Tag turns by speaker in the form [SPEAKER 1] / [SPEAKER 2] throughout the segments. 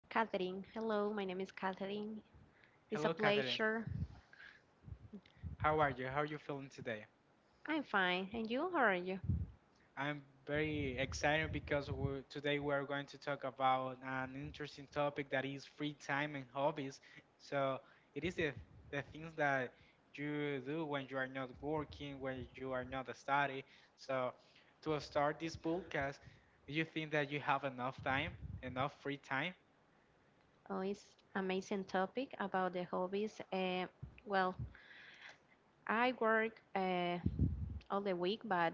[SPEAKER 1] Catherine. Hello, my name is Catherine. It's a
[SPEAKER 2] Hello, Catherine.
[SPEAKER 1] pleasure.
[SPEAKER 2] How are you? How are you feeling today?
[SPEAKER 1] I'm fine. And you? How are you?
[SPEAKER 2] I'm very excited because we today we're going to talk about an interesting topic that is free time and hobbies. So, it is the things that you do when you are not working, when you are not studying. So, to start this podcast, do you think that you have enough time, enough free time?
[SPEAKER 1] Oh, it's amazing topic about the hobbies. Well, I work all the week, but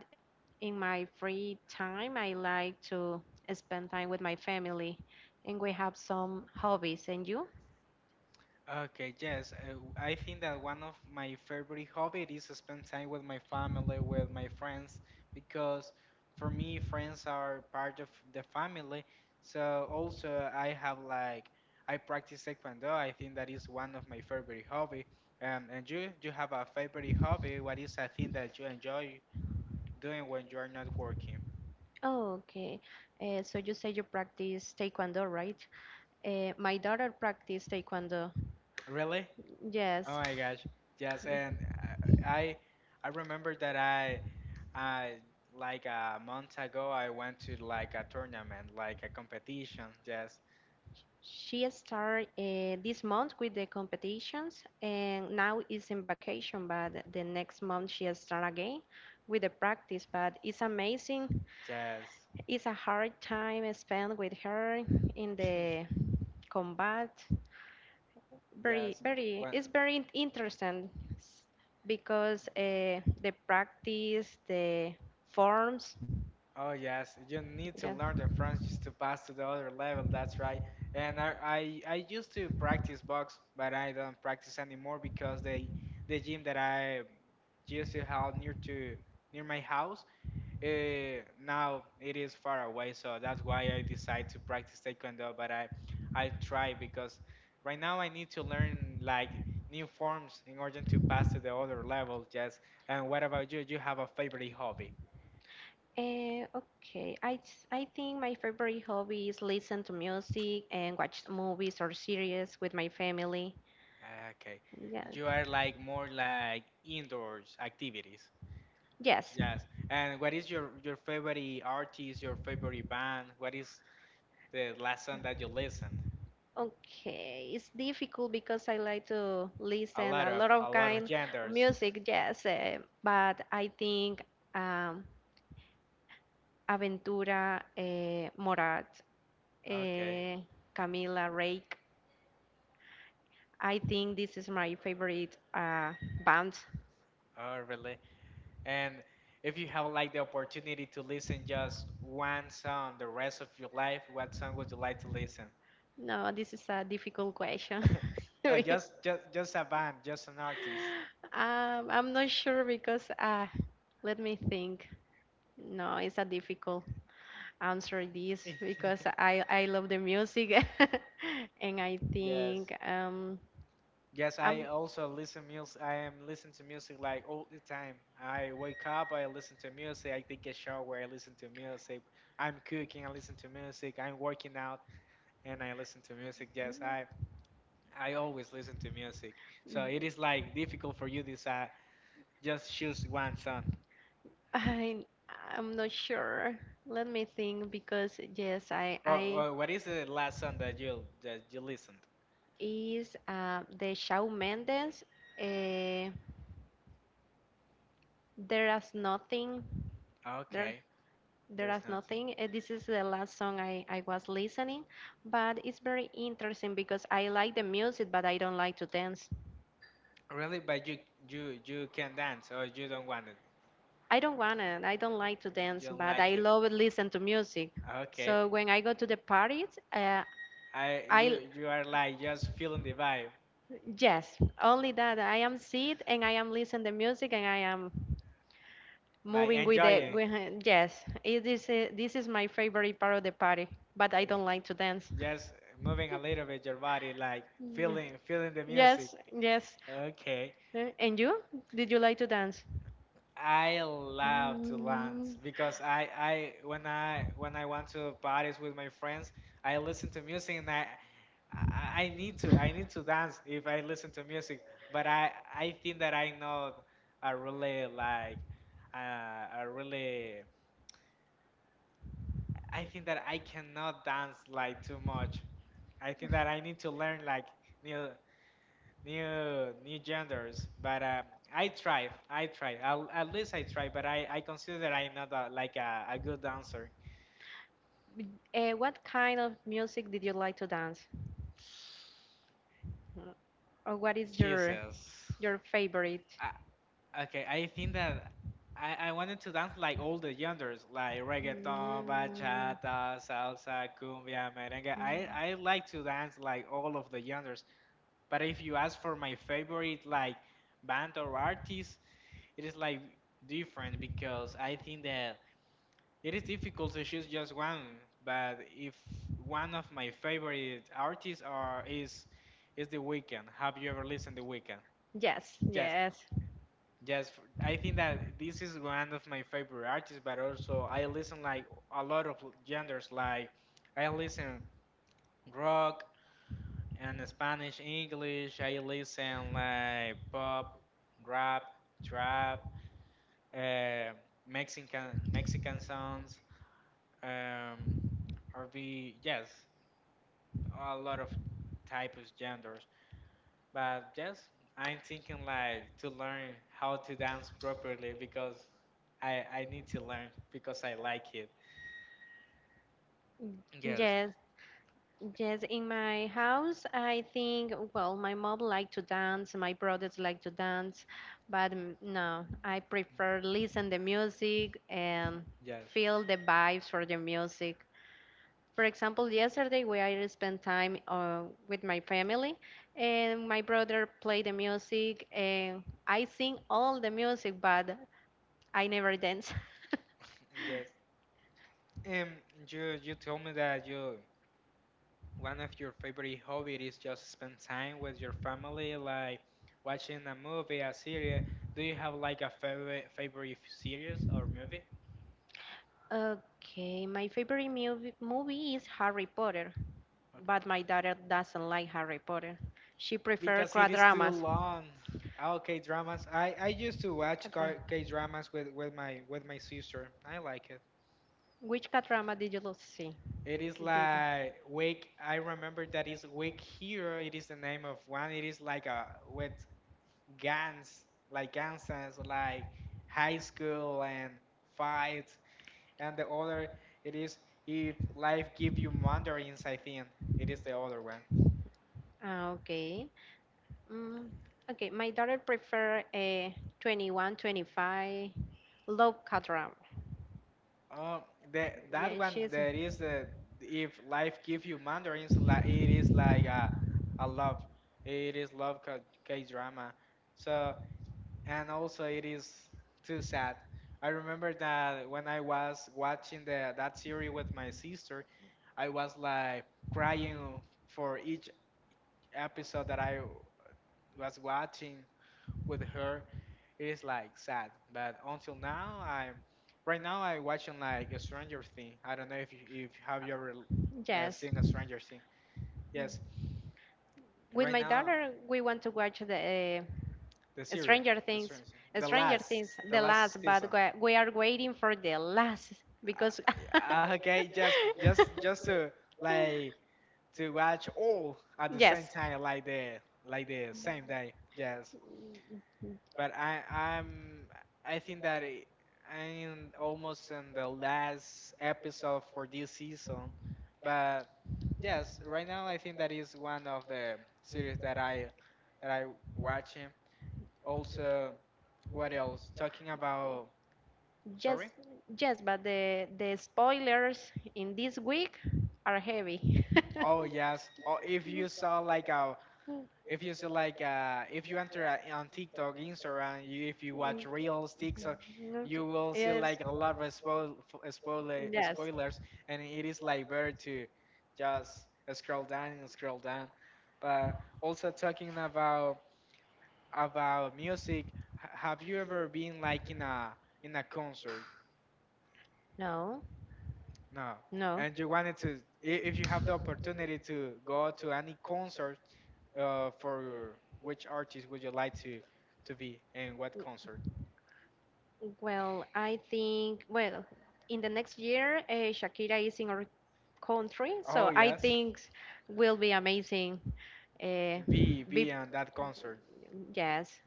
[SPEAKER 1] in my free time, I like to spend time with my family, and we have some hobbies. And you?
[SPEAKER 2] Okay, yes. I think that one of my favorite hobby is to spend time with my family, with my friends, because for me, friends are part of the family. So also, I have like I practice taekwondo. I think that is one of my favorite hobby. And you have a favorite hobby? What is a thing that you enjoy doing when you are not working?
[SPEAKER 1] Oh, okay. So you say you practice taekwondo, right? My daughter practices taekwondo.
[SPEAKER 2] Really? Oh
[SPEAKER 1] Yes.
[SPEAKER 2] my gosh. Yes, and I remember that I like a month ago I went to like a tournament, like a competition. Yes.
[SPEAKER 1] She started this month with the competitions and now is in vacation, but the next month she start again with the practice. But it's amazing.
[SPEAKER 2] Yes.
[SPEAKER 1] It's a hard time spent with her in the combat very
[SPEAKER 2] Yes.
[SPEAKER 1] very
[SPEAKER 2] When,
[SPEAKER 1] it's very interesting s- because the practice, the forms.
[SPEAKER 2] oh yes, you need to
[SPEAKER 1] Yeah.
[SPEAKER 2] learn the French just to pass to the other level. That's right. And I used to practice box, but I don't practice anymore because the gym that I used to have near my house, uh, now it is far away, so that's why I decide to practice taekwondo. But I try because right now I need to learn like new forms in order to pass to the other level. Just and what about you? You have a favorite hobby?
[SPEAKER 1] Okay, I think my favorite hobby is listen to music and watch movies or series with my family.
[SPEAKER 2] Okay,
[SPEAKER 1] Yeah.
[SPEAKER 2] you are like more like indoors activities.
[SPEAKER 1] Yes.
[SPEAKER 2] Yes. And what is your favorite artist? Your favorite band? What is the last song that you listened?
[SPEAKER 1] Okay, it's difficult because I like to
[SPEAKER 2] A
[SPEAKER 1] listen
[SPEAKER 2] lot
[SPEAKER 1] a
[SPEAKER 2] of
[SPEAKER 1] lot of kind of
[SPEAKER 2] genders.
[SPEAKER 1] music, yes, but I think um, Aventura, Morat,
[SPEAKER 2] Okay.
[SPEAKER 1] eh, Camila Rake. I think this is my favorite band.
[SPEAKER 2] Oh, really? And if you have like the opportunity to listen just one song the rest of your life, what song would you like to listen?
[SPEAKER 1] No, this is a difficult question.
[SPEAKER 2] Just a band, just an artist.
[SPEAKER 1] I'm not sure because let me think. No, it's a difficult answer this because I love the music and I think
[SPEAKER 2] Yes. Yes,
[SPEAKER 1] I'm
[SPEAKER 2] I also listen music. I am listening to music like all the time. I wake up, I listen to music. I take a shower, I listen to music. I'm cooking, I listen to music. I'm working out, and I listen to music. Yes, I always listen to music. So it is like difficult for you to decide just choose one song.
[SPEAKER 1] I I'm not sure. Let me think because yes I
[SPEAKER 2] Oh,
[SPEAKER 1] I
[SPEAKER 2] oh, what is the last song that you listened?
[SPEAKER 1] is the Shawn Mendes. Uh, there is nothing there.
[SPEAKER 2] Okay,
[SPEAKER 1] There
[SPEAKER 2] there's
[SPEAKER 1] is
[SPEAKER 2] nothing.
[SPEAKER 1] nothing. This is the last song I was listening, but it's very interesting because I like the music, but I don't like to dance.
[SPEAKER 2] Really, but you can dance or you don't want it.
[SPEAKER 1] I don't wanna, I don't like to dance,
[SPEAKER 2] You don't
[SPEAKER 1] but
[SPEAKER 2] like
[SPEAKER 1] I
[SPEAKER 2] it.
[SPEAKER 1] love listen to music.
[SPEAKER 2] Okay,
[SPEAKER 1] So when I go to the parties,
[SPEAKER 2] I
[SPEAKER 1] I
[SPEAKER 2] you you are like just feeling the vibe,
[SPEAKER 1] yes, only that I am sit and I am listen the music and I am
[SPEAKER 2] like
[SPEAKER 1] moving with the
[SPEAKER 2] enjoying,
[SPEAKER 1] yes, it is a, this is my favorite part of the party, but I
[SPEAKER 2] like,
[SPEAKER 1] don't like to dance.
[SPEAKER 2] just moving a little bit your body, like
[SPEAKER 1] Yeah.
[SPEAKER 2] feeling the music.
[SPEAKER 1] Yes, yes.
[SPEAKER 2] Okay.
[SPEAKER 1] Eh, and you? Did you like to dance?
[SPEAKER 2] I love to dance
[SPEAKER 1] Mm.
[SPEAKER 2] because I when I when I want to parties with my friends, I listen to music and I need to dance if I listen to music, but I think that I know a really like a really I think that I cannot dance like too much. I think that I need to learn like new new genders, but at least I try, but I consider that I'm not a, like a good dancer.
[SPEAKER 1] What kind of music did you like to dance? Mm, or what is your
[SPEAKER 2] Jesus.
[SPEAKER 1] favorite?
[SPEAKER 2] Okay, I think that I wanted to dance like all the genres like reggaeton,
[SPEAKER 1] Mm.
[SPEAKER 2] bachata, salsa, cumbia, merengue. I like to dance like all of the genres. But if you ask for my favorite like band or artist, it is like different because I think that it is difficult to choose just one. But if one of my favorite artists are is The Weeknd. Have you ever listened to The Weeknd?
[SPEAKER 1] Yes,
[SPEAKER 2] Yes.
[SPEAKER 1] yes,
[SPEAKER 2] Yes, I think that this is one of my favorite artists, but also I listen like a lot of genders. Like I listen rock and Spanish, English. I listen like pop, rap, trap, uh, Mexican songs, um, R&B. Yes, a lot of types of genders. But yes, I'm thinking like to learn how to dance properly because I need to learn because I like it.
[SPEAKER 1] mm,
[SPEAKER 2] Yes,
[SPEAKER 1] yes, yes. In my house, I think, well, my mom like to dance, my brothers like to dance, but mm, no, I prefer listen the music and
[SPEAKER 2] yes,
[SPEAKER 1] feel the vibes for the music. For example, yesterday we I spent time with my family, and my brother play the music, and I sing all the music, but I never dance.
[SPEAKER 2] yes. Um, you told me that you one of your favorite hobby is just spend time with your family, like watching a movie, a series. Do you have like a favorite series or movie?
[SPEAKER 1] Okay, my favorite movie is Harry Potter, but
[SPEAKER 2] Okay,
[SPEAKER 1] my daughter doesn't like Harry Potter. She prefers
[SPEAKER 2] because it is too
[SPEAKER 1] K-dramas.
[SPEAKER 2] long. Oh, K dramas. I used to watch
[SPEAKER 1] K-drama.
[SPEAKER 2] K dramas with with my sister. I like it.
[SPEAKER 1] Which K-drama did you see?
[SPEAKER 2] It is
[SPEAKER 1] Did you-
[SPEAKER 2] like
[SPEAKER 1] go?
[SPEAKER 2] Wake. I remember that is Wake Hero. It is the name of one. It is like a with guns, like guns, and it's like high school and fights. And the other, it is if life give you mandarins. I think it is the other one.
[SPEAKER 1] Ah, okay. Mm, okay, my daughter prefer a 21, 25 love K-drama.
[SPEAKER 2] Um, that
[SPEAKER 1] Yeah,
[SPEAKER 2] one
[SPEAKER 1] she's.
[SPEAKER 2] there is a, if life give you mandarins, like it is like a love, it is love K drama. So and also it is too sad. I remember that when I was watching the that series with my sister, I was like crying for each episode that I was watching with her. It is like sad, but until now, I right now I watching like a Stranger Thing. I don't know if you, if have you ever
[SPEAKER 1] Yes.
[SPEAKER 2] seen a Stranger Thing? Yes,
[SPEAKER 1] With
[SPEAKER 2] right
[SPEAKER 1] my
[SPEAKER 2] now
[SPEAKER 1] daughter, we want to watch the
[SPEAKER 2] the series,
[SPEAKER 1] Stranger
[SPEAKER 2] the
[SPEAKER 1] Things.
[SPEAKER 2] Stranger Thing,
[SPEAKER 1] Stranger Things,
[SPEAKER 2] the
[SPEAKER 1] the last,
[SPEAKER 2] last
[SPEAKER 1] but
[SPEAKER 2] season.
[SPEAKER 1] we are waiting for the last because.
[SPEAKER 2] Okay, just to like to watch all at the same
[SPEAKER 1] Yes.
[SPEAKER 2] time, like the same day. Yes, but I think that I'm almost in the last episode for this season. But yes, right now I think that is one of the series that I watching. Also, what else? Talking about
[SPEAKER 1] Yes,
[SPEAKER 2] sorry.
[SPEAKER 1] yes, but the spoilers in this week are heavy.
[SPEAKER 2] Oh yes. Oh, if you saw like a
[SPEAKER 1] Mm.
[SPEAKER 2] if you see like if you enter on TikTok, Instagram, if you
[SPEAKER 1] Mm.
[SPEAKER 2] watch reels, TikTok,
[SPEAKER 1] Okay.
[SPEAKER 2] you will see
[SPEAKER 1] Yes.
[SPEAKER 2] like a lot of spoiler
[SPEAKER 1] Yes.
[SPEAKER 2] spoilers, and it is like better to just scroll down and scroll down. But also talking about music, have you ever been like in a concert?
[SPEAKER 1] No.
[SPEAKER 2] No,
[SPEAKER 1] No.
[SPEAKER 2] and you wanted to if you have the opportunity to go to any concert, for which artist would you like to be and what concert?
[SPEAKER 1] Well, I think, well, in the next year, Shakira is in our country,
[SPEAKER 2] Oh
[SPEAKER 1] so I
[SPEAKER 2] yes,
[SPEAKER 1] think will be amazing. Uh, be
[SPEAKER 2] be on that concert.
[SPEAKER 1] Yes,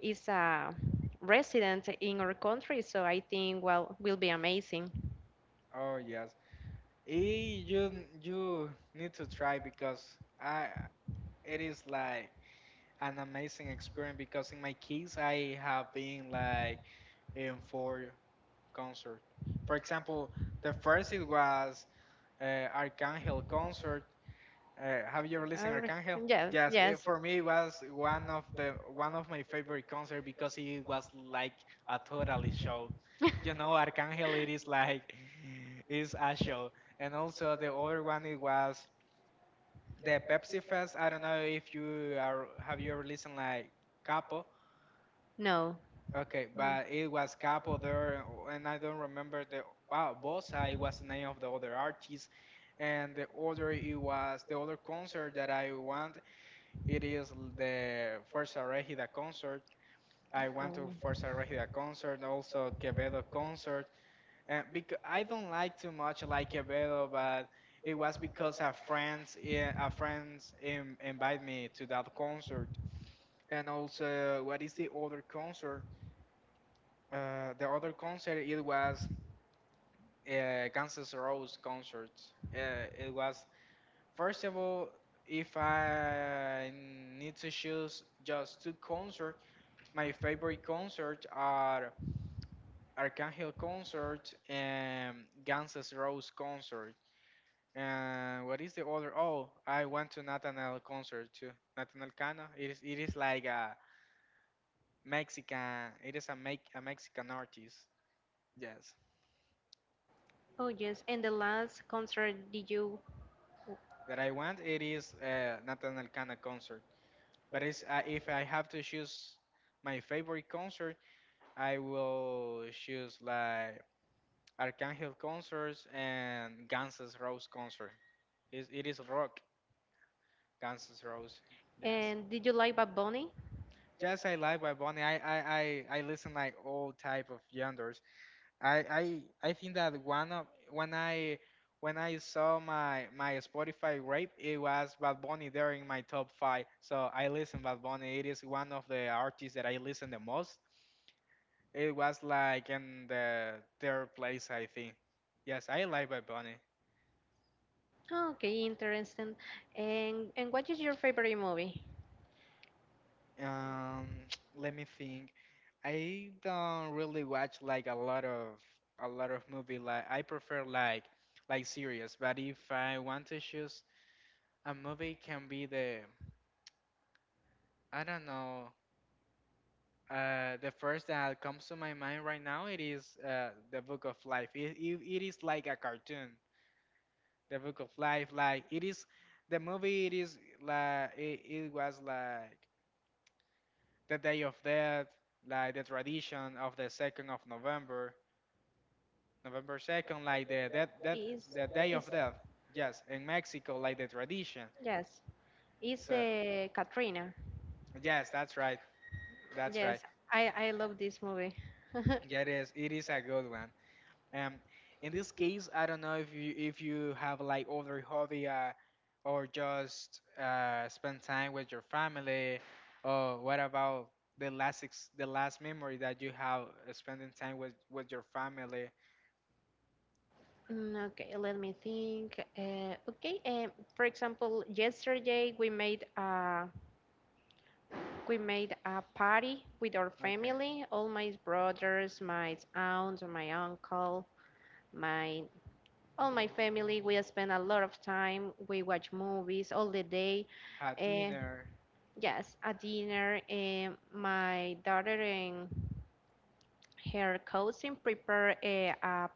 [SPEAKER 1] is a resident in our country, so I think well will be amazing.
[SPEAKER 2] Oh yes, Eh, you you need to try because I it is like an amazing experience because in my case I have been like in four concert. For example, the first it was Archangel concert. Have you ever listened
[SPEAKER 1] Ar-
[SPEAKER 2] Arcangel?
[SPEAKER 1] yes,
[SPEAKER 2] Yes, it,
[SPEAKER 1] yes.
[SPEAKER 2] for me it was one of my favorite concert because it was like a totally show. You know, Arcangel it is like is a show, and also the other one it was the Pepsi Fest. I don't know if you are have you ever listened like Capo?
[SPEAKER 1] No. No.
[SPEAKER 2] Okay, but it was Capo there, and I don't remember the wow Bossa. It was the name of the other artist, and the other it was the other concert that I went it is the Fuerza Regida concert. I went to
[SPEAKER 1] Oh.
[SPEAKER 2] Fuerza Regida concert, also Quevedo concert. And because I don't like too much like Quevedo, but it was because a friends invite me to that concert. And also, what is the other concert? The other concert it was Guns N' Roses concert. It was first of all, if I need to choose just two concert. My favorite concerts are Archangel concert and Guns N' Roses concert. And what is the other? Oh, I went to Nathaniel concert too. Nathaniel Cano. It is like a Mexican. It is a make a Mexican artist. Yes,
[SPEAKER 1] Oh yes, and the last concert
[SPEAKER 2] that I went. It is Nathaniel Cano concert. But it's, if I have to choose my favorite concert, I will choose like Archangel concerts and Guns N' Roses concert. Is it is rock Guns N' Roses? Yes.
[SPEAKER 1] did you like Bad Bunny?
[SPEAKER 2] Just I like by Bunny. I listen like all type of genres. I think that one of when I saw my Spotify rap, it was Bad Bunny there in my top five. So I listen Bad Bunny. It is one of the artists that I listen the most. It was like in the third place, I think. Yes, I like Bad Bunny.
[SPEAKER 1] Oh, okay, interesting. And what is your favorite movie?
[SPEAKER 2] Um, let me think. I don't really watch like a lot of movie. Like I prefer like series. But if I want to choose a movie, can be the I don't know. The first that comes to my mind right now it is the Book of Life. It is like a cartoon. The Book of Life, like it is the movie. It is like it was like the Day of Death, like the tradition of the 2nd of November, November 2nd, like the that that
[SPEAKER 1] Is
[SPEAKER 2] the day of
[SPEAKER 1] is
[SPEAKER 2] death. Yes, in Mexico, like the tradition.
[SPEAKER 1] yes, is
[SPEAKER 2] So,
[SPEAKER 1] the Katrina.
[SPEAKER 2] yes, that's right. That's right.
[SPEAKER 1] Yes, I love this movie.
[SPEAKER 2] Yeah, it is. It is a good one. Um, in this case, I don't know if you have like other hobby, or just spend time with your family, or what about the last ex the last memory that you have spending time with your family?
[SPEAKER 1] Mm, okay, let me think. Okay, for example, yesterday we made a party with our
[SPEAKER 2] Okay,
[SPEAKER 1] family, all my brothers, my aunt, my uncle, my all my family, we spend a lot of time. We watch movies all the day.
[SPEAKER 2] had
[SPEAKER 1] Uh,
[SPEAKER 2] dinner.
[SPEAKER 1] yes, at dinner, my daughter and her cousin prepare a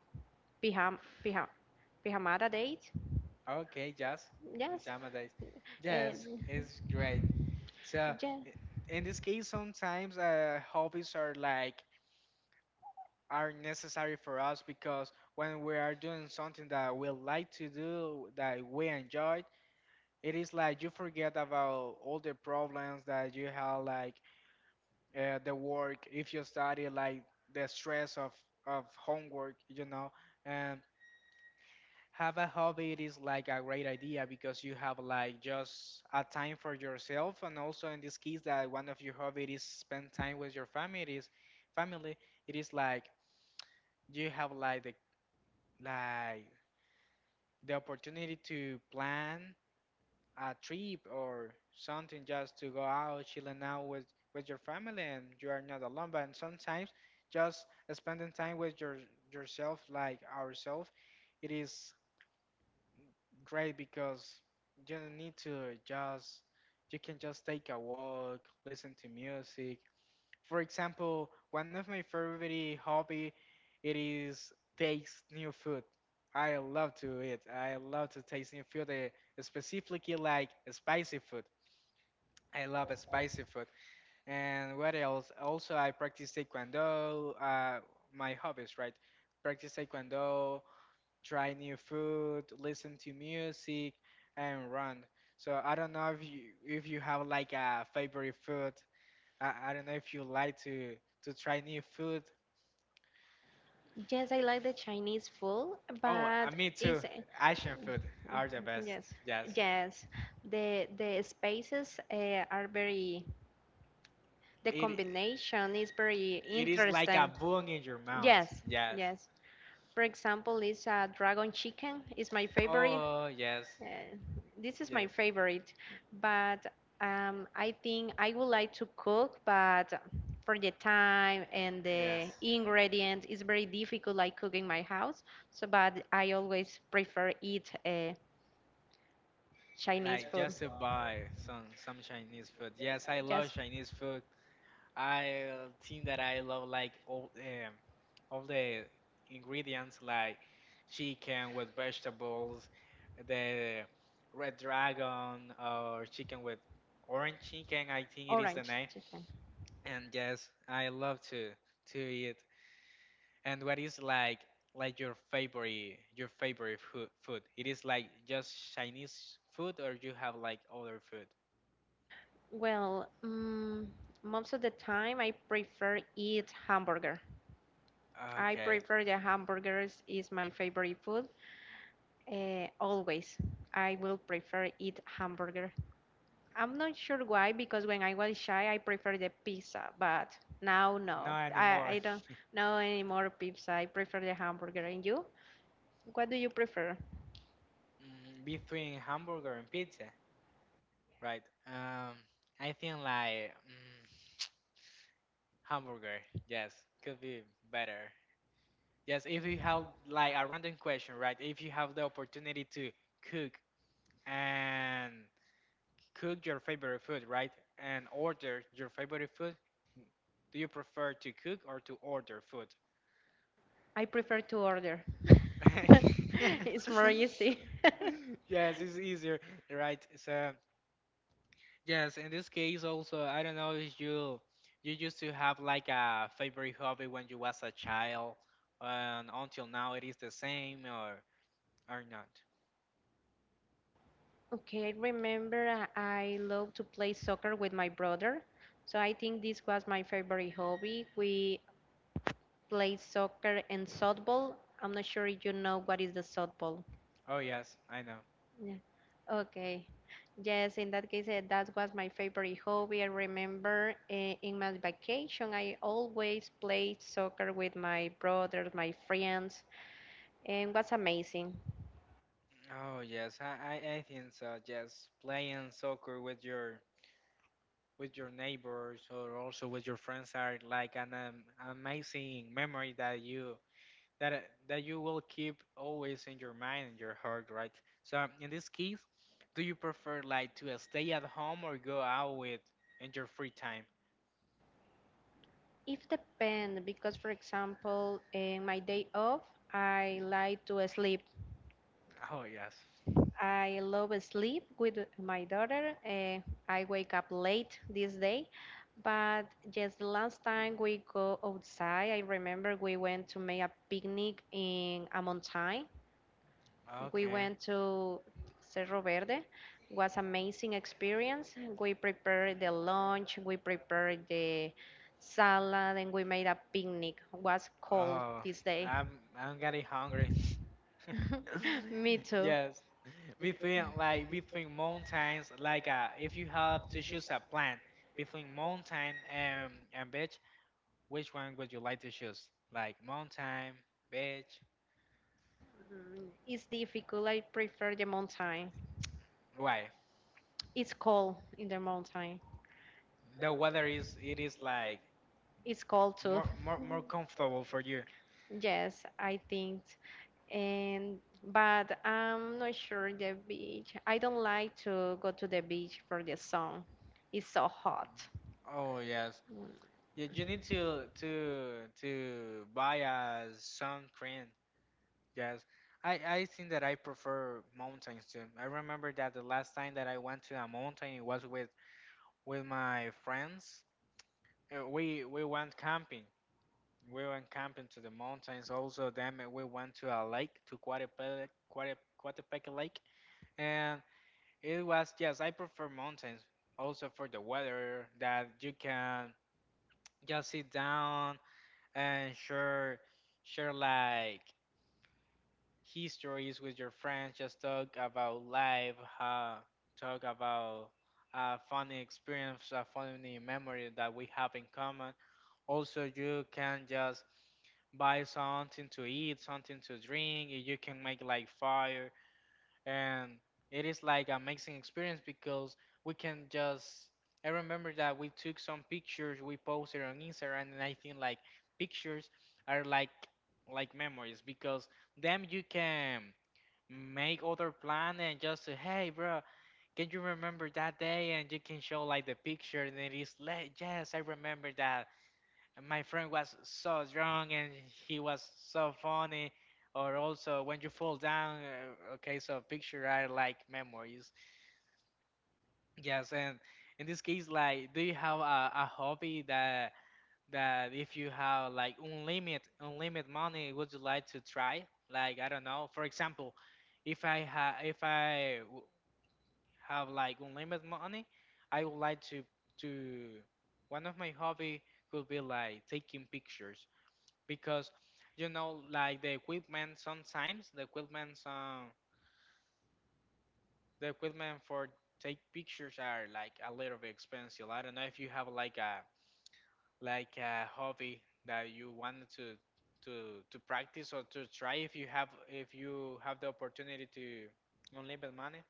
[SPEAKER 1] pijam pijam pijamada date.
[SPEAKER 2] Okay, yes,
[SPEAKER 1] Yes,
[SPEAKER 2] pajama days.
[SPEAKER 1] and
[SPEAKER 2] Yes, it's great. So,
[SPEAKER 1] yes,
[SPEAKER 2] i- in this case, sometimes hobbies are like are necessary for us, because when we are doing something that we like to do, that we enjoy, it is like you forget about all the problems that you have, like the work, if you study, like the stress of homework, and have a hobby it is like a great idea, because you have like just a time for yourself. And also in this case that one of your hobby is spend time with your families family, it is like you have like the opportunity to plan a trip or something, just to go out chilling out with your family, and you are not alone. But sometimes just spending time with your yourself, like ourselves, it is great because you don't need to. Just you can just take a walk, listen to music. For example, one of my favorite hobby it is taste new food. I love to eat. I love to taste new food, specifically like spicy food. I love spicy food. And what else? Also, I practice taekwondo. My hobbies, right? Practice taekwondo, try new food, listen to music, and run. So I don't know if you have like a favorite food. I don't know if you like to try new food.
[SPEAKER 1] yes, I like the Chinese food,
[SPEAKER 2] Oh,
[SPEAKER 1] but
[SPEAKER 2] me too.
[SPEAKER 1] it's
[SPEAKER 2] Asian food are the best.
[SPEAKER 1] yes,
[SPEAKER 2] Yes,
[SPEAKER 1] yes, the spaces are very. The
[SPEAKER 2] it
[SPEAKER 1] combination is very
[SPEAKER 2] it is like a
[SPEAKER 1] interesting.
[SPEAKER 2] bone in your mouth.
[SPEAKER 1] Yes,
[SPEAKER 2] Yes.
[SPEAKER 1] yes. For example, this a dragon chicken is my favorite.
[SPEAKER 2] Oh yes,
[SPEAKER 1] Uh, this is my
[SPEAKER 2] yes,
[SPEAKER 1] favorite, but I think I would like to cook, but for the time and
[SPEAKER 2] yes.
[SPEAKER 1] the ingredient, it's very difficult like cook in my house. So, but I always prefer eat
[SPEAKER 2] Like
[SPEAKER 1] Chinese
[SPEAKER 2] just
[SPEAKER 1] food.
[SPEAKER 2] to buy some Chinese food. Yes, I love
[SPEAKER 1] Yes,
[SPEAKER 2] Chinese food. I think that I love like all the ingredients, like chicken with vegetables, the red dragon or chicken with orange chicken. I think it is the
[SPEAKER 1] orange
[SPEAKER 2] name.
[SPEAKER 1] chicken.
[SPEAKER 2] And yes, I love to eat. And what is like your favorite food? Food? It is like just Chinese food, or you have like other food?
[SPEAKER 1] Well, mm, most of the time I prefer eat hamburger. I
[SPEAKER 2] Okay,
[SPEAKER 1] prefer the hamburgers is my favorite food. Always, I will prefer eat hamburger. I'm not sure why because when I was shy, I prefer the pizza, but now no,
[SPEAKER 2] not anymore.
[SPEAKER 1] I don't know anymore pizza. I prefer the hamburger. And you? What do you prefer?
[SPEAKER 2] Between hamburger and pizza. Right. Um, I think like hamburger. Yes, could be better. Yes, if you have like a random question, right? If you have the opportunity to cook and cook your favorite food, right? And order your favorite food, do you prefer to cook or to order food?
[SPEAKER 1] I prefer to order. It's more easy.
[SPEAKER 2] Yes, it's easier, right? So. Yes, in this case also, I don't know if you used to have like a favorite hobby when you was a child, and until now it is the same or not.
[SPEAKER 1] Okay, I remember I love to play soccer with my brother. So I think this was my favorite hobby. We played soccer and softball. I'm not sure if you know what is the softball.
[SPEAKER 2] Oh yes, I know.
[SPEAKER 1] Yeah. Okay. Yes, in that case, that was my favorite hobby. I remember in my vacation, I always played soccer with my brothers, my friends, and it was amazing.
[SPEAKER 2] Oh yes, I think so. Yes, playing soccer with your neighbors, or also with your friends, are like an amazing memory that you that uh, that you will keep always in your mind and your heart, right? So in this case, do you prefer like to stay at home or go out with in your free time?
[SPEAKER 1] It depends because, for example, in my day off, I like to sleep.
[SPEAKER 2] Oh yes.
[SPEAKER 1] I love sleep with my daughter. I wake up late this day, but just the last time we go outside, I remember we went to make a picnic in a mountain, we
[SPEAKER 2] Okay.
[SPEAKER 1] went to Cerro Verde. Was amazing experience. We prepared the lunch, we prepared the salad, and we made a picnic. Was cold
[SPEAKER 2] Oh,
[SPEAKER 1] this day.
[SPEAKER 2] I'm I'm getting hungry.
[SPEAKER 1] Me too.
[SPEAKER 2] Yes. Between mountains, like if you have to choose a plant between mountain and beach, which one would you like to choose? Like mountain, beach,
[SPEAKER 1] It's difficult. I prefer the mountain.
[SPEAKER 2] why?
[SPEAKER 1] It's cold in the mountain.
[SPEAKER 2] The weather is, it is like
[SPEAKER 1] It's cold too.
[SPEAKER 2] more more more comfortable for you.
[SPEAKER 1] Yes, I think. And but I'm not sure the beach. I don't like to go to the beach for the sun. It's so hot.
[SPEAKER 2] Oh yes.
[SPEAKER 1] Mm,
[SPEAKER 2] Yeah, you need to buy a sun cream. Yes. I think that I prefer mountains too. I remember that the last time that I went to a mountain, it was with my friends. We went camping. We went camping to the mountains also. Then we went to a lake, to Coatepeque, Coatepeque Lake. And it was, yes, I prefer mountains also for the weather, that you can just sit down and share like histories with your friends, just talk about life, uh, talk about a funny experience, a funny memory that we have in common. Also, you can just buy something to eat, something to drink. You can make like fire, and it is like a amazing experience, because we can just, I remember that we took some pictures, we posted on Instagram, and I think like pictures are like memories, because them you can make other plan and just say, hey bro, can you remember that day? And you can show like the picture, and it is like, yes, I remember that, and my friend was so drunk and he was so funny. Or also when you fall down, okay, so picture are like memories. Yes, and in this case, like, do you have a hobby that if you have like unlimited money, would you like to try? Like, I don't know. For example, if I ha if I w have like unlimited money, I would like to one of my hobby could be like taking pictures, because you know like the equipment, sometimes the equipment for take pictures are like a little bit expensive. I don't know if you have like a hobby that you wanted to to practice or to try, if you have the opportunity to unlimited money.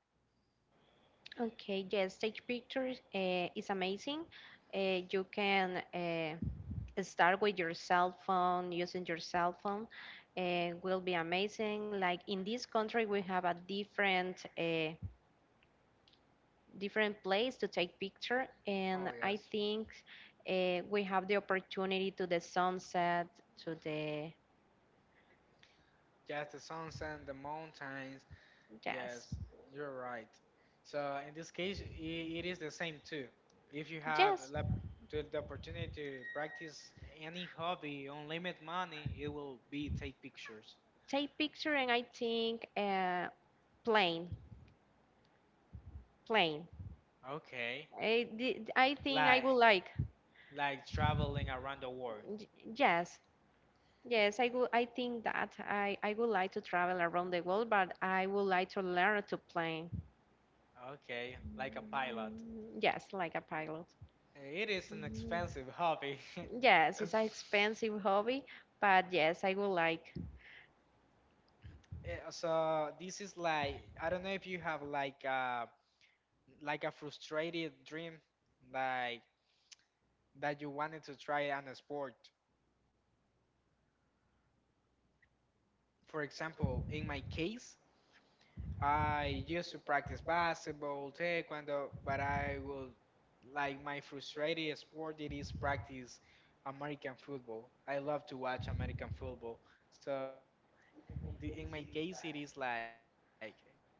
[SPEAKER 1] okay, yes, take pictures is amazing. You can start with your cell phone, using your cell phone will be amazing. Like in this country, we have a different different place to take picture,
[SPEAKER 2] Oh
[SPEAKER 1] and I
[SPEAKER 2] yes,
[SPEAKER 1] think we have the opportunity to the sunset, to the
[SPEAKER 2] just the sunset, the mountains. Yes,
[SPEAKER 1] yes.
[SPEAKER 2] you're right. So in this case, I it is the same too. If you have
[SPEAKER 1] Yes,
[SPEAKER 2] lap to the opportunity to practice any hobby on limit money, it will be take pictures.
[SPEAKER 1] take picture and I think plane, plane.
[SPEAKER 2] Okay,
[SPEAKER 1] I think I
[SPEAKER 2] like
[SPEAKER 1] would like.
[SPEAKER 2] traveling around the world.
[SPEAKER 1] Y- Yes, yes, I would. I think that I would like to travel around the world, but I would like to learn to plane.
[SPEAKER 2] Okay, like a pilot.
[SPEAKER 1] Mm, yes, like a pilot.
[SPEAKER 2] It is an
[SPEAKER 1] Mm,
[SPEAKER 2] expensive hobby.
[SPEAKER 1] yes, it's an expensive hobby, but yes, I would like.
[SPEAKER 2] So this is like, I don't know if you have like a frustrated dream, like that you wanted to try on a sport. For example, in my case, I used to practice basketball, taekwondo, but I will like my frustrated sport, it is practice American football. I love to watch American football. So in my case, it is like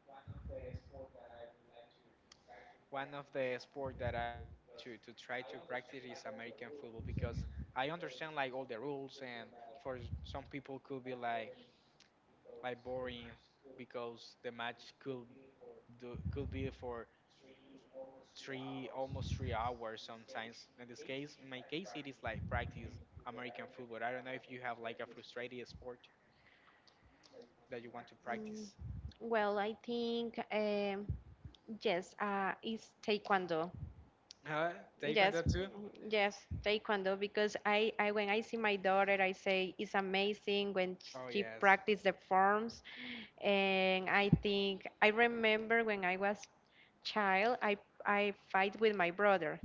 [SPEAKER 2] one of the sport that I would like to try to practice is American football, because I understand like all the rules, and for some people could be like boring because the match could be for three almost 3 hours sometimes. In this case, in my case, it is like practice American football. I don't know if you have like a frustrated sport that you want to practice,
[SPEAKER 1] Mm, well, I think yes, it's taekwondo.
[SPEAKER 2] huh that you can
[SPEAKER 1] Yes,
[SPEAKER 2] do too.
[SPEAKER 1] mm-hmm, yes, taekwondo because I when I see my daughter, I say it's amazing when
[SPEAKER 2] Oh
[SPEAKER 1] she
[SPEAKER 2] yes.
[SPEAKER 1] practice the forms, and I think I remember when I was child, I fight with my brother,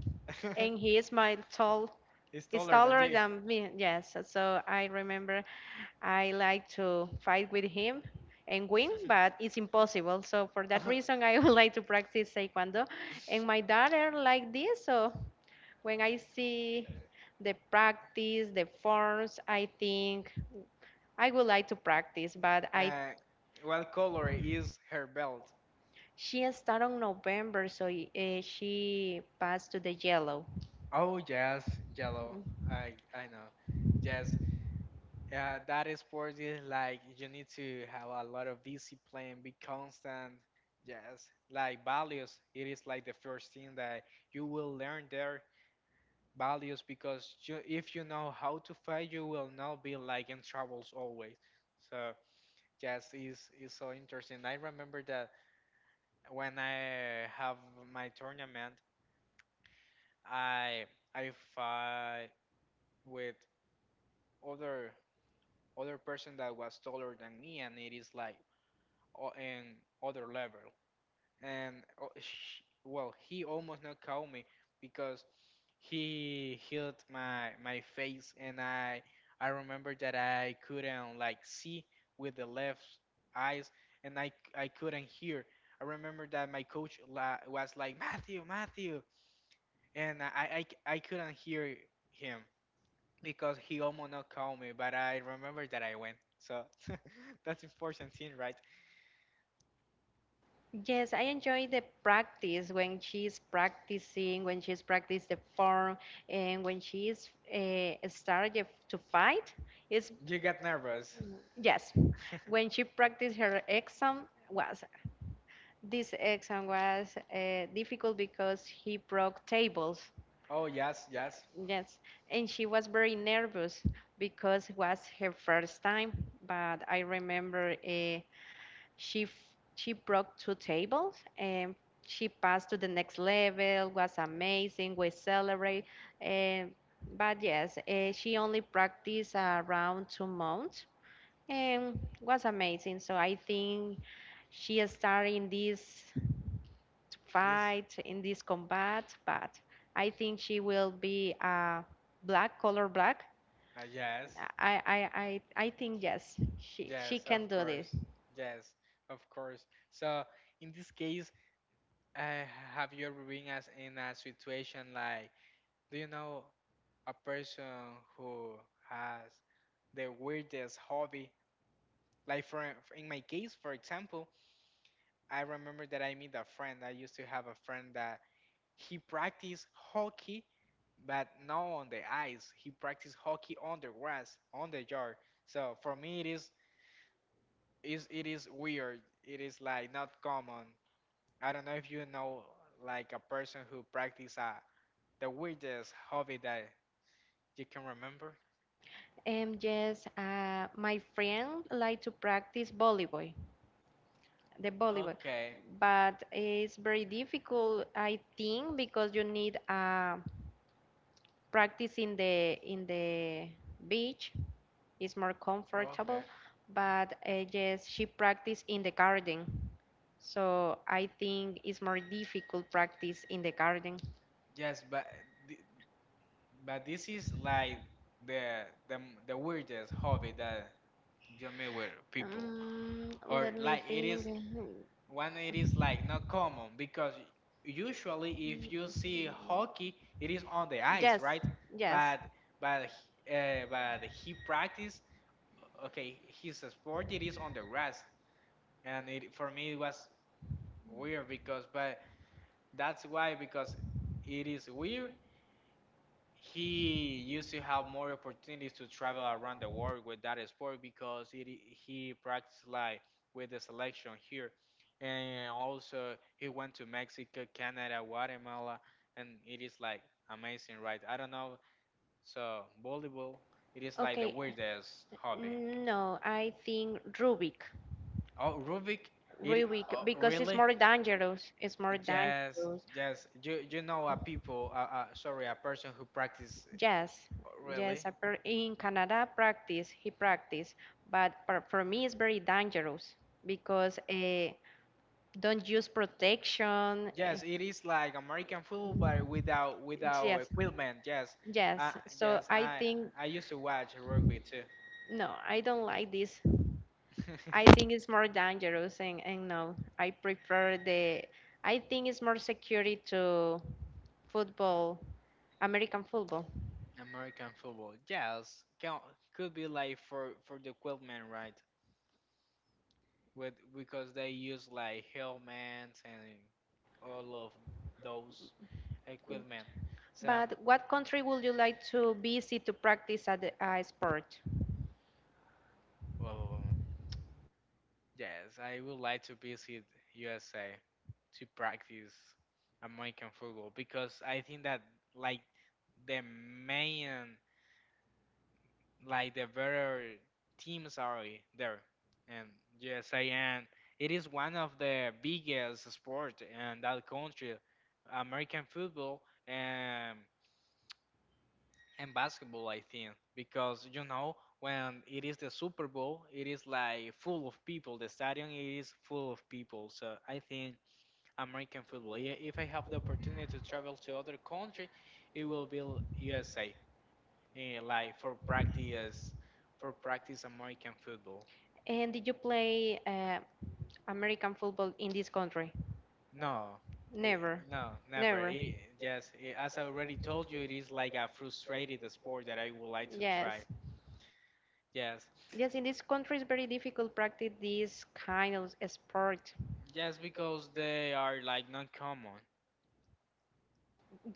[SPEAKER 1] and he is my tall,
[SPEAKER 2] It's
[SPEAKER 1] is
[SPEAKER 2] taller than
[SPEAKER 1] taller
[SPEAKER 2] you.
[SPEAKER 1] than me. Yes, so I remember I like to fight with him and win, but it's impossible. So for that reason, I would like to practice taekwondo and my daughter like this, so when I see the practice, the forms, I think I would like to practice, but I
[SPEAKER 2] uh, what color is her belt?
[SPEAKER 1] she started on November, so she passed to the yellow.
[SPEAKER 2] Oh yes, yellow. I know. Yes. Yeah, that is, sports is like you need to have a lot of discipline, be constant. Yes, like values, it is like the first thing that you will learn there. Values, because you, if you know how to fight, you will not be like in troubles always. So yes, is so interesting. I remember that when I have my tournament, I I fight with other other person that was taller than me, and it is like in other level. And o- sh well, he almost not caught me because he hit my face, and I remember that I couldn't like see with the left eyes, and I couldn't hear. I remember that my coach la was like, Matthew, Matthew, and I couldn't hear him because he almost not caught me, but I remember that I went. So that's important scene, right?
[SPEAKER 1] Yes, I enjoy the practice when she's practicing, when she's practice the form, and when she's started to fight. It's
[SPEAKER 2] You got nervous.
[SPEAKER 1] yes, when she practiced her exam was. This exam was difficult because he broke tables.
[SPEAKER 2] Oh yes, yes.
[SPEAKER 1] Yes, and she was very nervous because it was her first time. But I remember she f- she broke two tables and she passed to the next level. Was amazing. We celebrate. Uh, but yes, she only practiced around 2 months and was amazing. So I think she started in this
[SPEAKER 2] This
[SPEAKER 1] fight in this combat, but I think she will be black, color black.
[SPEAKER 2] Yes,
[SPEAKER 1] I think yes, she
[SPEAKER 2] yes, of
[SPEAKER 1] can do this.
[SPEAKER 2] course, yes, of course. So in this case, uh, have you ever been as in a situation like, do you know a person who has the weirdest hobby? Like for in my case, for example, I remember that I meet a friend. I used to have a friend that he practiced hockey, but not on the ice. He practiced hockey on the grass, on the yard. So for me, it is it is weird. It is like not common. I don't know if you know like a person who practice the weirdest hobby that you can remember.
[SPEAKER 1] And yes, my friend like to practice volleyball, the volleyball,
[SPEAKER 2] Okay,
[SPEAKER 1] but it's very difficult, I think, because you need practice in the beach. It's more
[SPEAKER 2] okay.
[SPEAKER 1] comfortable, but yes, she practice in the garden. So I think it's more difficult practice in the garden.
[SPEAKER 2] Yes, but th- but this is like the the the weirdest hobby that you meet with people, or
[SPEAKER 1] Let me
[SPEAKER 2] like it is
[SPEAKER 1] think.
[SPEAKER 2] one. It is like not common, because usually if you see hockey, it is on the ice,
[SPEAKER 1] Yes,
[SPEAKER 2] right?
[SPEAKER 1] yes.
[SPEAKER 2] But but but he practice. Okay, his sport it is on the grass, and it for me it was weird because but that's why because it is weird he used to have more opportunities to travel around the world with that sport because it, he practiced like with the selection here and also he went to Mexico, Canada, Guatemala and it is like amazing, right? I don't know, so volleyball it is like the
[SPEAKER 1] Okay.
[SPEAKER 2] weirdest hobby.
[SPEAKER 1] No, I think Rubik.
[SPEAKER 2] Oh, Rubik it
[SPEAKER 1] Rubik,
[SPEAKER 2] oh,
[SPEAKER 1] because it's
[SPEAKER 2] really?
[SPEAKER 1] more dangerous. It's more
[SPEAKER 2] Yes,
[SPEAKER 1] dangerous.
[SPEAKER 2] yes. You know a people, sorry, a person who practice
[SPEAKER 1] Yes,
[SPEAKER 2] oh,
[SPEAKER 1] yes.
[SPEAKER 2] really.
[SPEAKER 1] In Canada, practice he practice, but for me, it's very dangerous because don't use protection.
[SPEAKER 2] Yes, it is like American football, but without
[SPEAKER 1] Yes,
[SPEAKER 2] equipment. Yes, I
[SPEAKER 1] yes. So
[SPEAKER 2] yes
[SPEAKER 1] I
[SPEAKER 2] I
[SPEAKER 1] think
[SPEAKER 2] I used to watch rugby too.
[SPEAKER 1] no, I don't like this. I think it's more dangerous, and no, I prefer the. I think it's more security to football, American football.
[SPEAKER 2] American football. Yes, can, could be like for the equipment, right? With because they use like helmets and all of those equipment. So,
[SPEAKER 1] But what country would you like to visit to practice a sport?
[SPEAKER 2] yes, I would like to visit USA to practice American football because I think that like the main like the better teams are there and USA and it is one of the biggest sport in that country, American football and and basketball I think because you know when it is the Super Bowl it is like full of people, the stadium is full of people, so I think American football. Yeah, if I have the opportunity to travel to other country, it will be USA. Eh, like for practice American football.
[SPEAKER 1] And did you play American football in this country?
[SPEAKER 2] No, eh,
[SPEAKER 1] Never,
[SPEAKER 2] no, never.
[SPEAKER 1] never.
[SPEAKER 2] It, yes, eh, as I already told you, it is like a frustrated sport that I would like to
[SPEAKER 1] Yes.
[SPEAKER 2] try. Yes,
[SPEAKER 1] Yes, in this country it's very difficult practice this kind of sport.
[SPEAKER 2] yes, because they are like not common.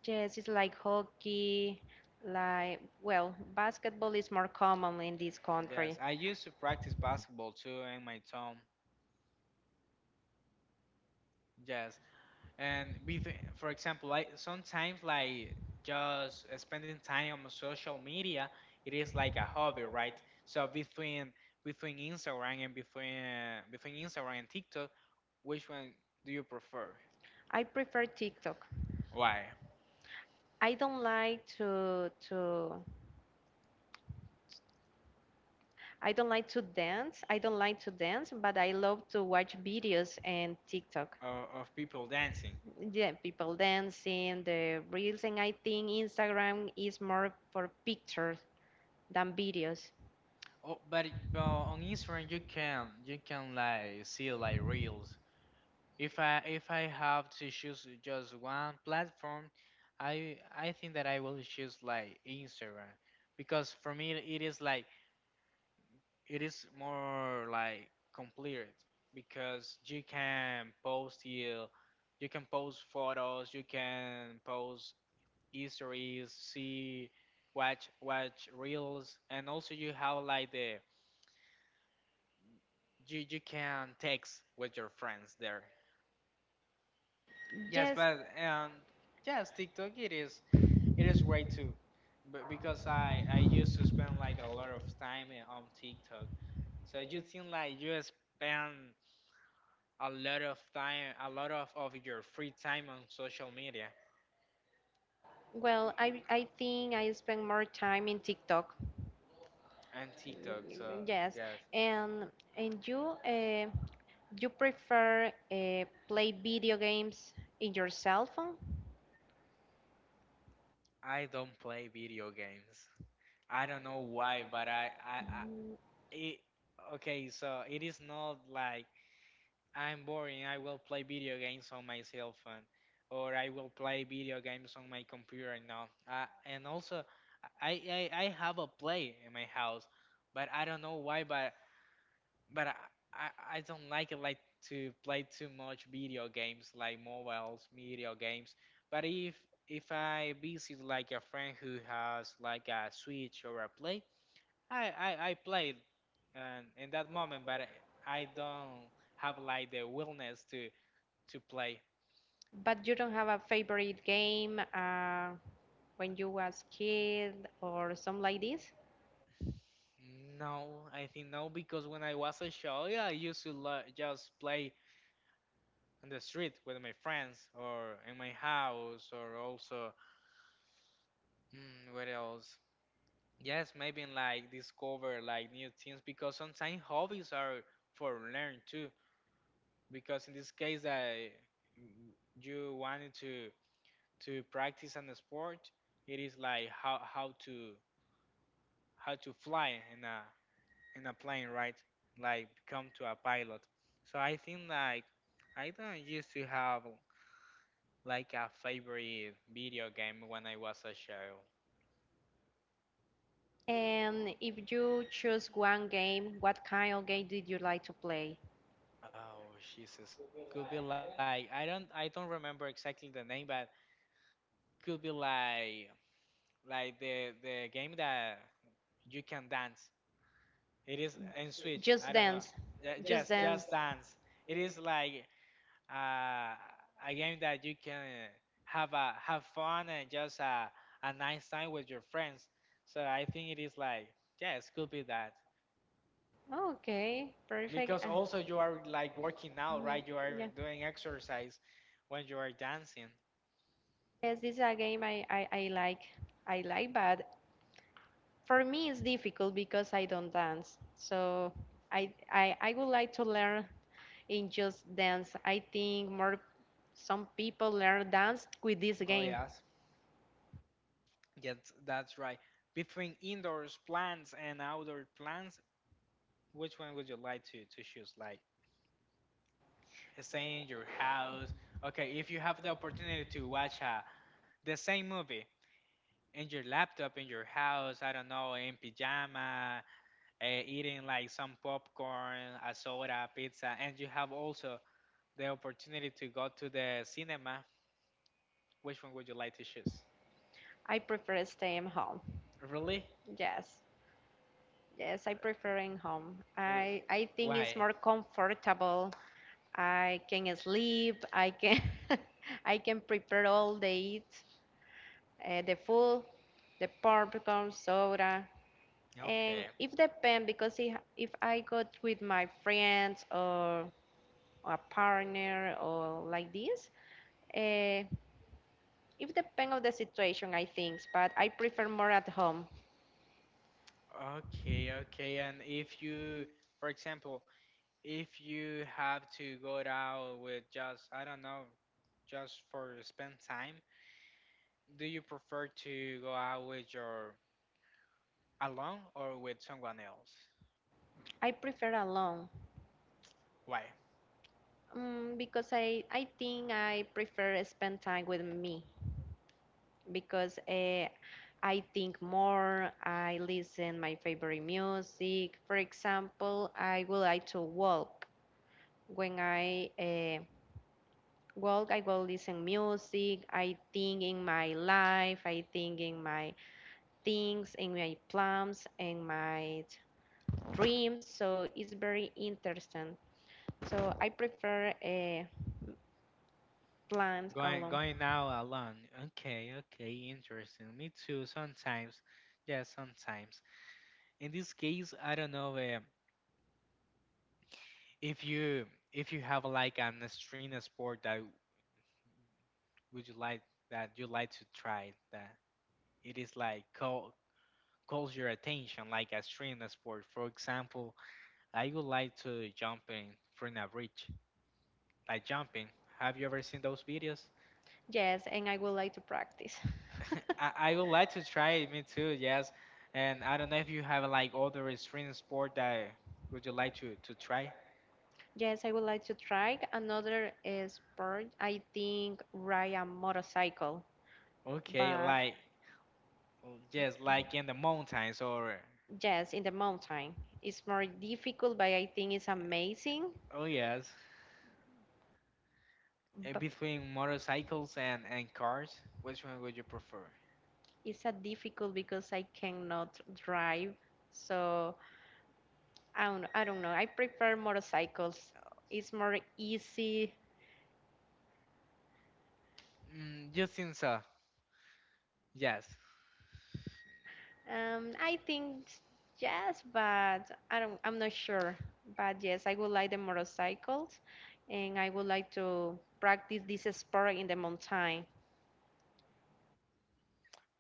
[SPEAKER 1] Yes, it's like hockey, like, well, basketball is more common in this
[SPEAKER 2] Yes,
[SPEAKER 1] country.
[SPEAKER 2] I used to practice basketball too in my town. Yes, and with, for example, like sometimes like just spending time on social media, it is like a hobby, right? So between Instagram and TikTok, which one do you prefer?
[SPEAKER 1] I prefer TikTok.
[SPEAKER 2] Why?
[SPEAKER 1] I don't like to I don't like to dance. I don't like to dance, but I love to watch videos and TikTok.
[SPEAKER 2] Of people dancing.
[SPEAKER 1] Yeah, people dancing, the reels, and I think Instagram is more for pictures than videos.
[SPEAKER 2] Oh, but on Instagram you can like see like reels. If I have to choose just one platform, I think that I will choose like Instagram because for me it is like it is more like complete because you can post you can post photos, you can post histories, see watch reels and also you have like the you, you can text with your friends there. Yes,
[SPEAKER 1] Yes,
[SPEAKER 2] but yes, TikTok it is it is great too, but because I used to spend like a lot of time on TikTok, so you think like you spend a lot of time, a lot of your free time on social media
[SPEAKER 1] well, I think I spend more time in TikTok.
[SPEAKER 2] and TikTok. So
[SPEAKER 1] Yes,
[SPEAKER 2] yes,
[SPEAKER 1] and and you you prefer play video games in your cell phone,
[SPEAKER 2] I don't play video games. I don't know why, but I it okay. So it is not like I'm boring. I will play video games on my cell phone, or I will play video games on my computer now. And also, I have a play in my house, but I don't know why. But but I I don't like it like to play too much video games like mobiles, video games. But if I visit like a friend who has like a Switch or a Play, I play it, in that moment. But I don't have like the willingness to play?
[SPEAKER 1] but you don't have a favorite game when you was kid or something like this.
[SPEAKER 2] No, I think no, because when I was a child, yeah, I used to just play on the street with my friends or in my house or also, mm, what else? Yes, maybe in, like discover like new things because sometimes hobbies are for learn too. Because in this case, I you wanted to practice on the sport, it is like how to fly in a plane, right? Like become to a pilot. So I think like I don't used to have like a favorite video game when I was a child.
[SPEAKER 1] And if you choose one game, what kind of game did you like to play?
[SPEAKER 2] Oh Jesus, could be like I don't remember exactly the name, but could be like like the game that you can dance. It is in Switch. I
[SPEAKER 1] Just
[SPEAKER 2] don't know.
[SPEAKER 1] dance, just
[SPEAKER 2] Yes,
[SPEAKER 1] dance.
[SPEAKER 2] Just Dance. It is like uh, a game that you can have a have fun and just a nice time with your friends. So I think it is like yes, could be that
[SPEAKER 1] Okay, perfect.
[SPEAKER 2] because
[SPEAKER 1] And
[SPEAKER 2] also you are like working out,
[SPEAKER 1] mhm,
[SPEAKER 2] right? You are
[SPEAKER 1] yeah.
[SPEAKER 2] doing exercise when you are dancing.
[SPEAKER 1] Yes, this is a game I like. I like, but for me it's difficult because I don't dance. So I would like to learn in just dance. I think more some people learn dance with this
[SPEAKER 2] Oh
[SPEAKER 1] game.
[SPEAKER 2] yes. Yes, that's right. Between indoors plants and outdoor plants, which one would you like to choose? Like staying in your house. Okay, if you have the opportunity to watch the same movie in your laptop in your house, I don't know, in pajama, eating like some popcorn, a soda, pizza, and you have also the opportunity to go to the cinema, which one would you like to choose,
[SPEAKER 1] I prefer staying home.
[SPEAKER 2] really?
[SPEAKER 1] Yes. Yes, I prefer in home.
[SPEAKER 2] Uh,
[SPEAKER 1] I think it's
[SPEAKER 2] why
[SPEAKER 1] more comfortable I can sleep. I can I can prepare all the eat, the food, the popcorn, soda, and
[SPEAKER 2] okay
[SPEAKER 1] it depends because if I go with my friends or a partner or like this, uh, it depends on the situation. I think, but I prefer more at home.
[SPEAKER 2] okay okay and if you for example if you have to go out with just I don't know just for spend time do you prefer to go out with your alone or with someone else?
[SPEAKER 1] I prefer alone.
[SPEAKER 2] Why?
[SPEAKER 1] Mm, because I think I prefer spend time with me. Because I think more, I listen my favorite music. For example, I would like to walk. When I walk, I will listen music. I think in my life, I think in my things, in my plans, in my dreams. So it's very interesting. So I prefer plans
[SPEAKER 2] Going
[SPEAKER 1] alone.
[SPEAKER 2] going out alone. Okay, okay, interesting. Me too, sometimes. Yeah, sometimes. In this case, I don't know eh, if you if you have like an extreme sport that would you like that you like to try that it is like call calls your attention like a extreme sport. For example, I would like to jump in from a bridge, like jumping. Have you ever seen those videos?
[SPEAKER 1] Yes, and I would like to practice.
[SPEAKER 2] I would like to try it, me too, yes. And I don't know if you have like other extreme sport that would you like to try?
[SPEAKER 1] Yes, I would like to try another sport. I think ride a motorcycle,
[SPEAKER 2] Okay,
[SPEAKER 1] but
[SPEAKER 2] like oh, yes, like in the mountains or
[SPEAKER 1] yes, in the mountain. It's more difficult, but I think it's amazing.
[SPEAKER 2] oh yes, eh,
[SPEAKER 1] But
[SPEAKER 2] between motorcycles and cars, which one would you prefer?
[SPEAKER 1] it's a difficult because I cannot drive, so I don't know. I prefer motorcycles. It's more easy.
[SPEAKER 2] Mm, you think so? Yes.
[SPEAKER 1] I think yes, but I don't. I'm not sure. But yes, I would like the motorcycles, and I would like to practice this sport in the mountain.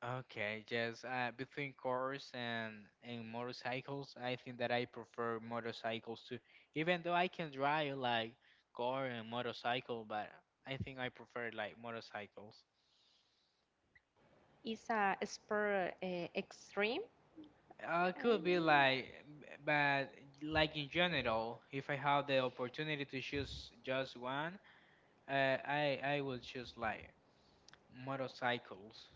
[SPEAKER 2] Okay, yes. Between cars and motorcycles, I think that I prefer motorcycles too. Even though I can drive like car and motorcycle, but I think I prefer like motorcycles.
[SPEAKER 1] It's a sport extreme.
[SPEAKER 2] Could be like, but like in general, if I have the opportunity to choose just one, I would choose like motorcycles.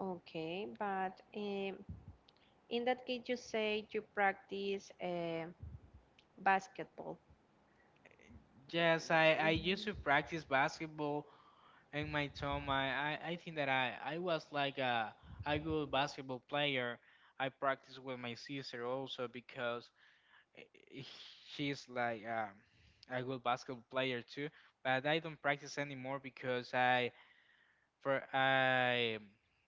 [SPEAKER 1] Okay, but in that case, you say you practice basketball.
[SPEAKER 2] Yes, I used to practice basketball in my time, I think that I was like a good basketball player. I practiced with my sister also because eh, eh, she's like a good basketball player too. But I don't practice anymore because I for I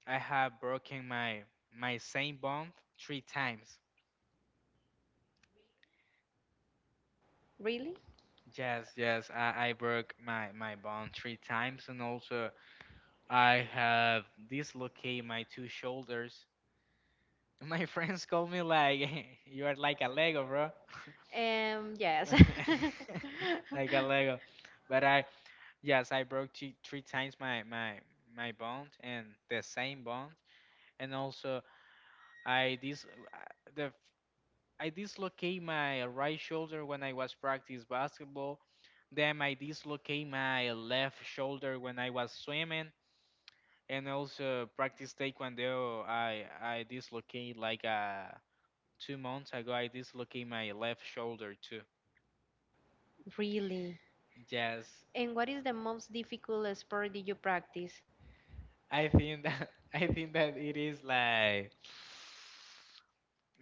[SPEAKER 2] I have broken my my same bone three times.
[SPEAKER 1] Really?
[SPEAKER 2] Yes, yes, I broke my, my bone three times and also I have dislocated my two shoulders. My friends call me like you are like a Lego, bro.
[SPEAKER 1] Yes.
[SPEAKER 2] Like a Lego. But I yes, I broke three, three times my my bond and the same bond, and also I dis the I dislocate my right shoulder when I was practice basketball. Then I dislocate my left shoulder when I was swimming, and also practice taekwondo. I dislocate like a 2 months ago, I dislocated my left shoulder too.
[SPEAKER 1] Really.
[SPEAKER 2] Yes,
[SPEAKER 1] And what is the most difficult sport did you practice?
[SPEAKER 2] I think that I think that it is like.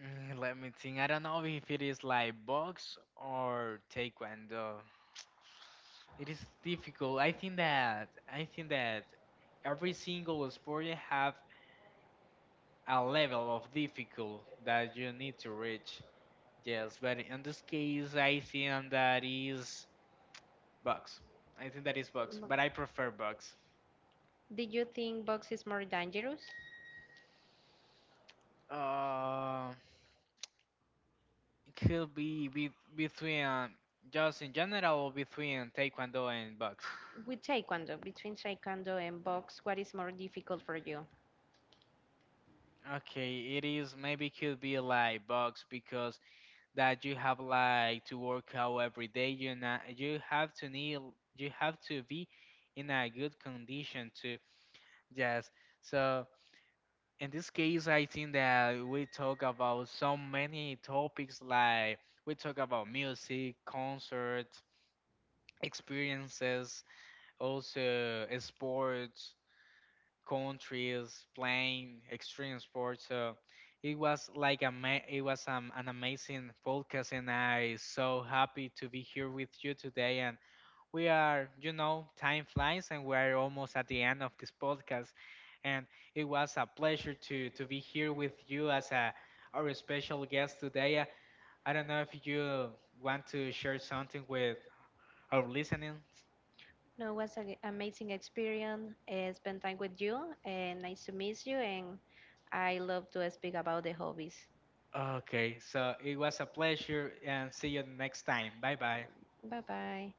[SPEAKER 2] Mm, let me think. I don't know if it is like box or taekwondo. It is difficult. I think that every single sport you have a level of difficult that you need to reach. Yes, but in this case, I think that is. Bugs. I think that is Bugs, but I prefer Bugs.
[SPEAKER 1] Did you think box is more dangerous?
[SPEAKER 2] Uh, it could be between just in general or between Taekwondo and Bugs.
[SPEAKER 1] With taekwondo, between taekwondo and box, what is more difficult for you?
[SPEAKER 2] Okay, it is maybe could be like Bugs because that you have like to work out every day. You not you have to need you have to be in a good condition to yes. So in this case, I think that we talk about so many topics like we talk about music, concert, experiences, also sports, countries, playing extreme sports. So it was like a it was an amazing podcast, and I so happy to be here with you today. And we are, you know, time flies and we're almost at the end of this podcast. And it was a pleasure to be here with you as a our special guest today. I don't know if you want to share something with our listening.
[SPEAKER 1] No, it was an amazing experience. I spent time with you, and nice to meet you. And I love to speak about the hobbies.
[SPEAKER 2] Okay, so it was a pleasure and see you next time. Bye bye.
[SPEAKER 1] Bye bye.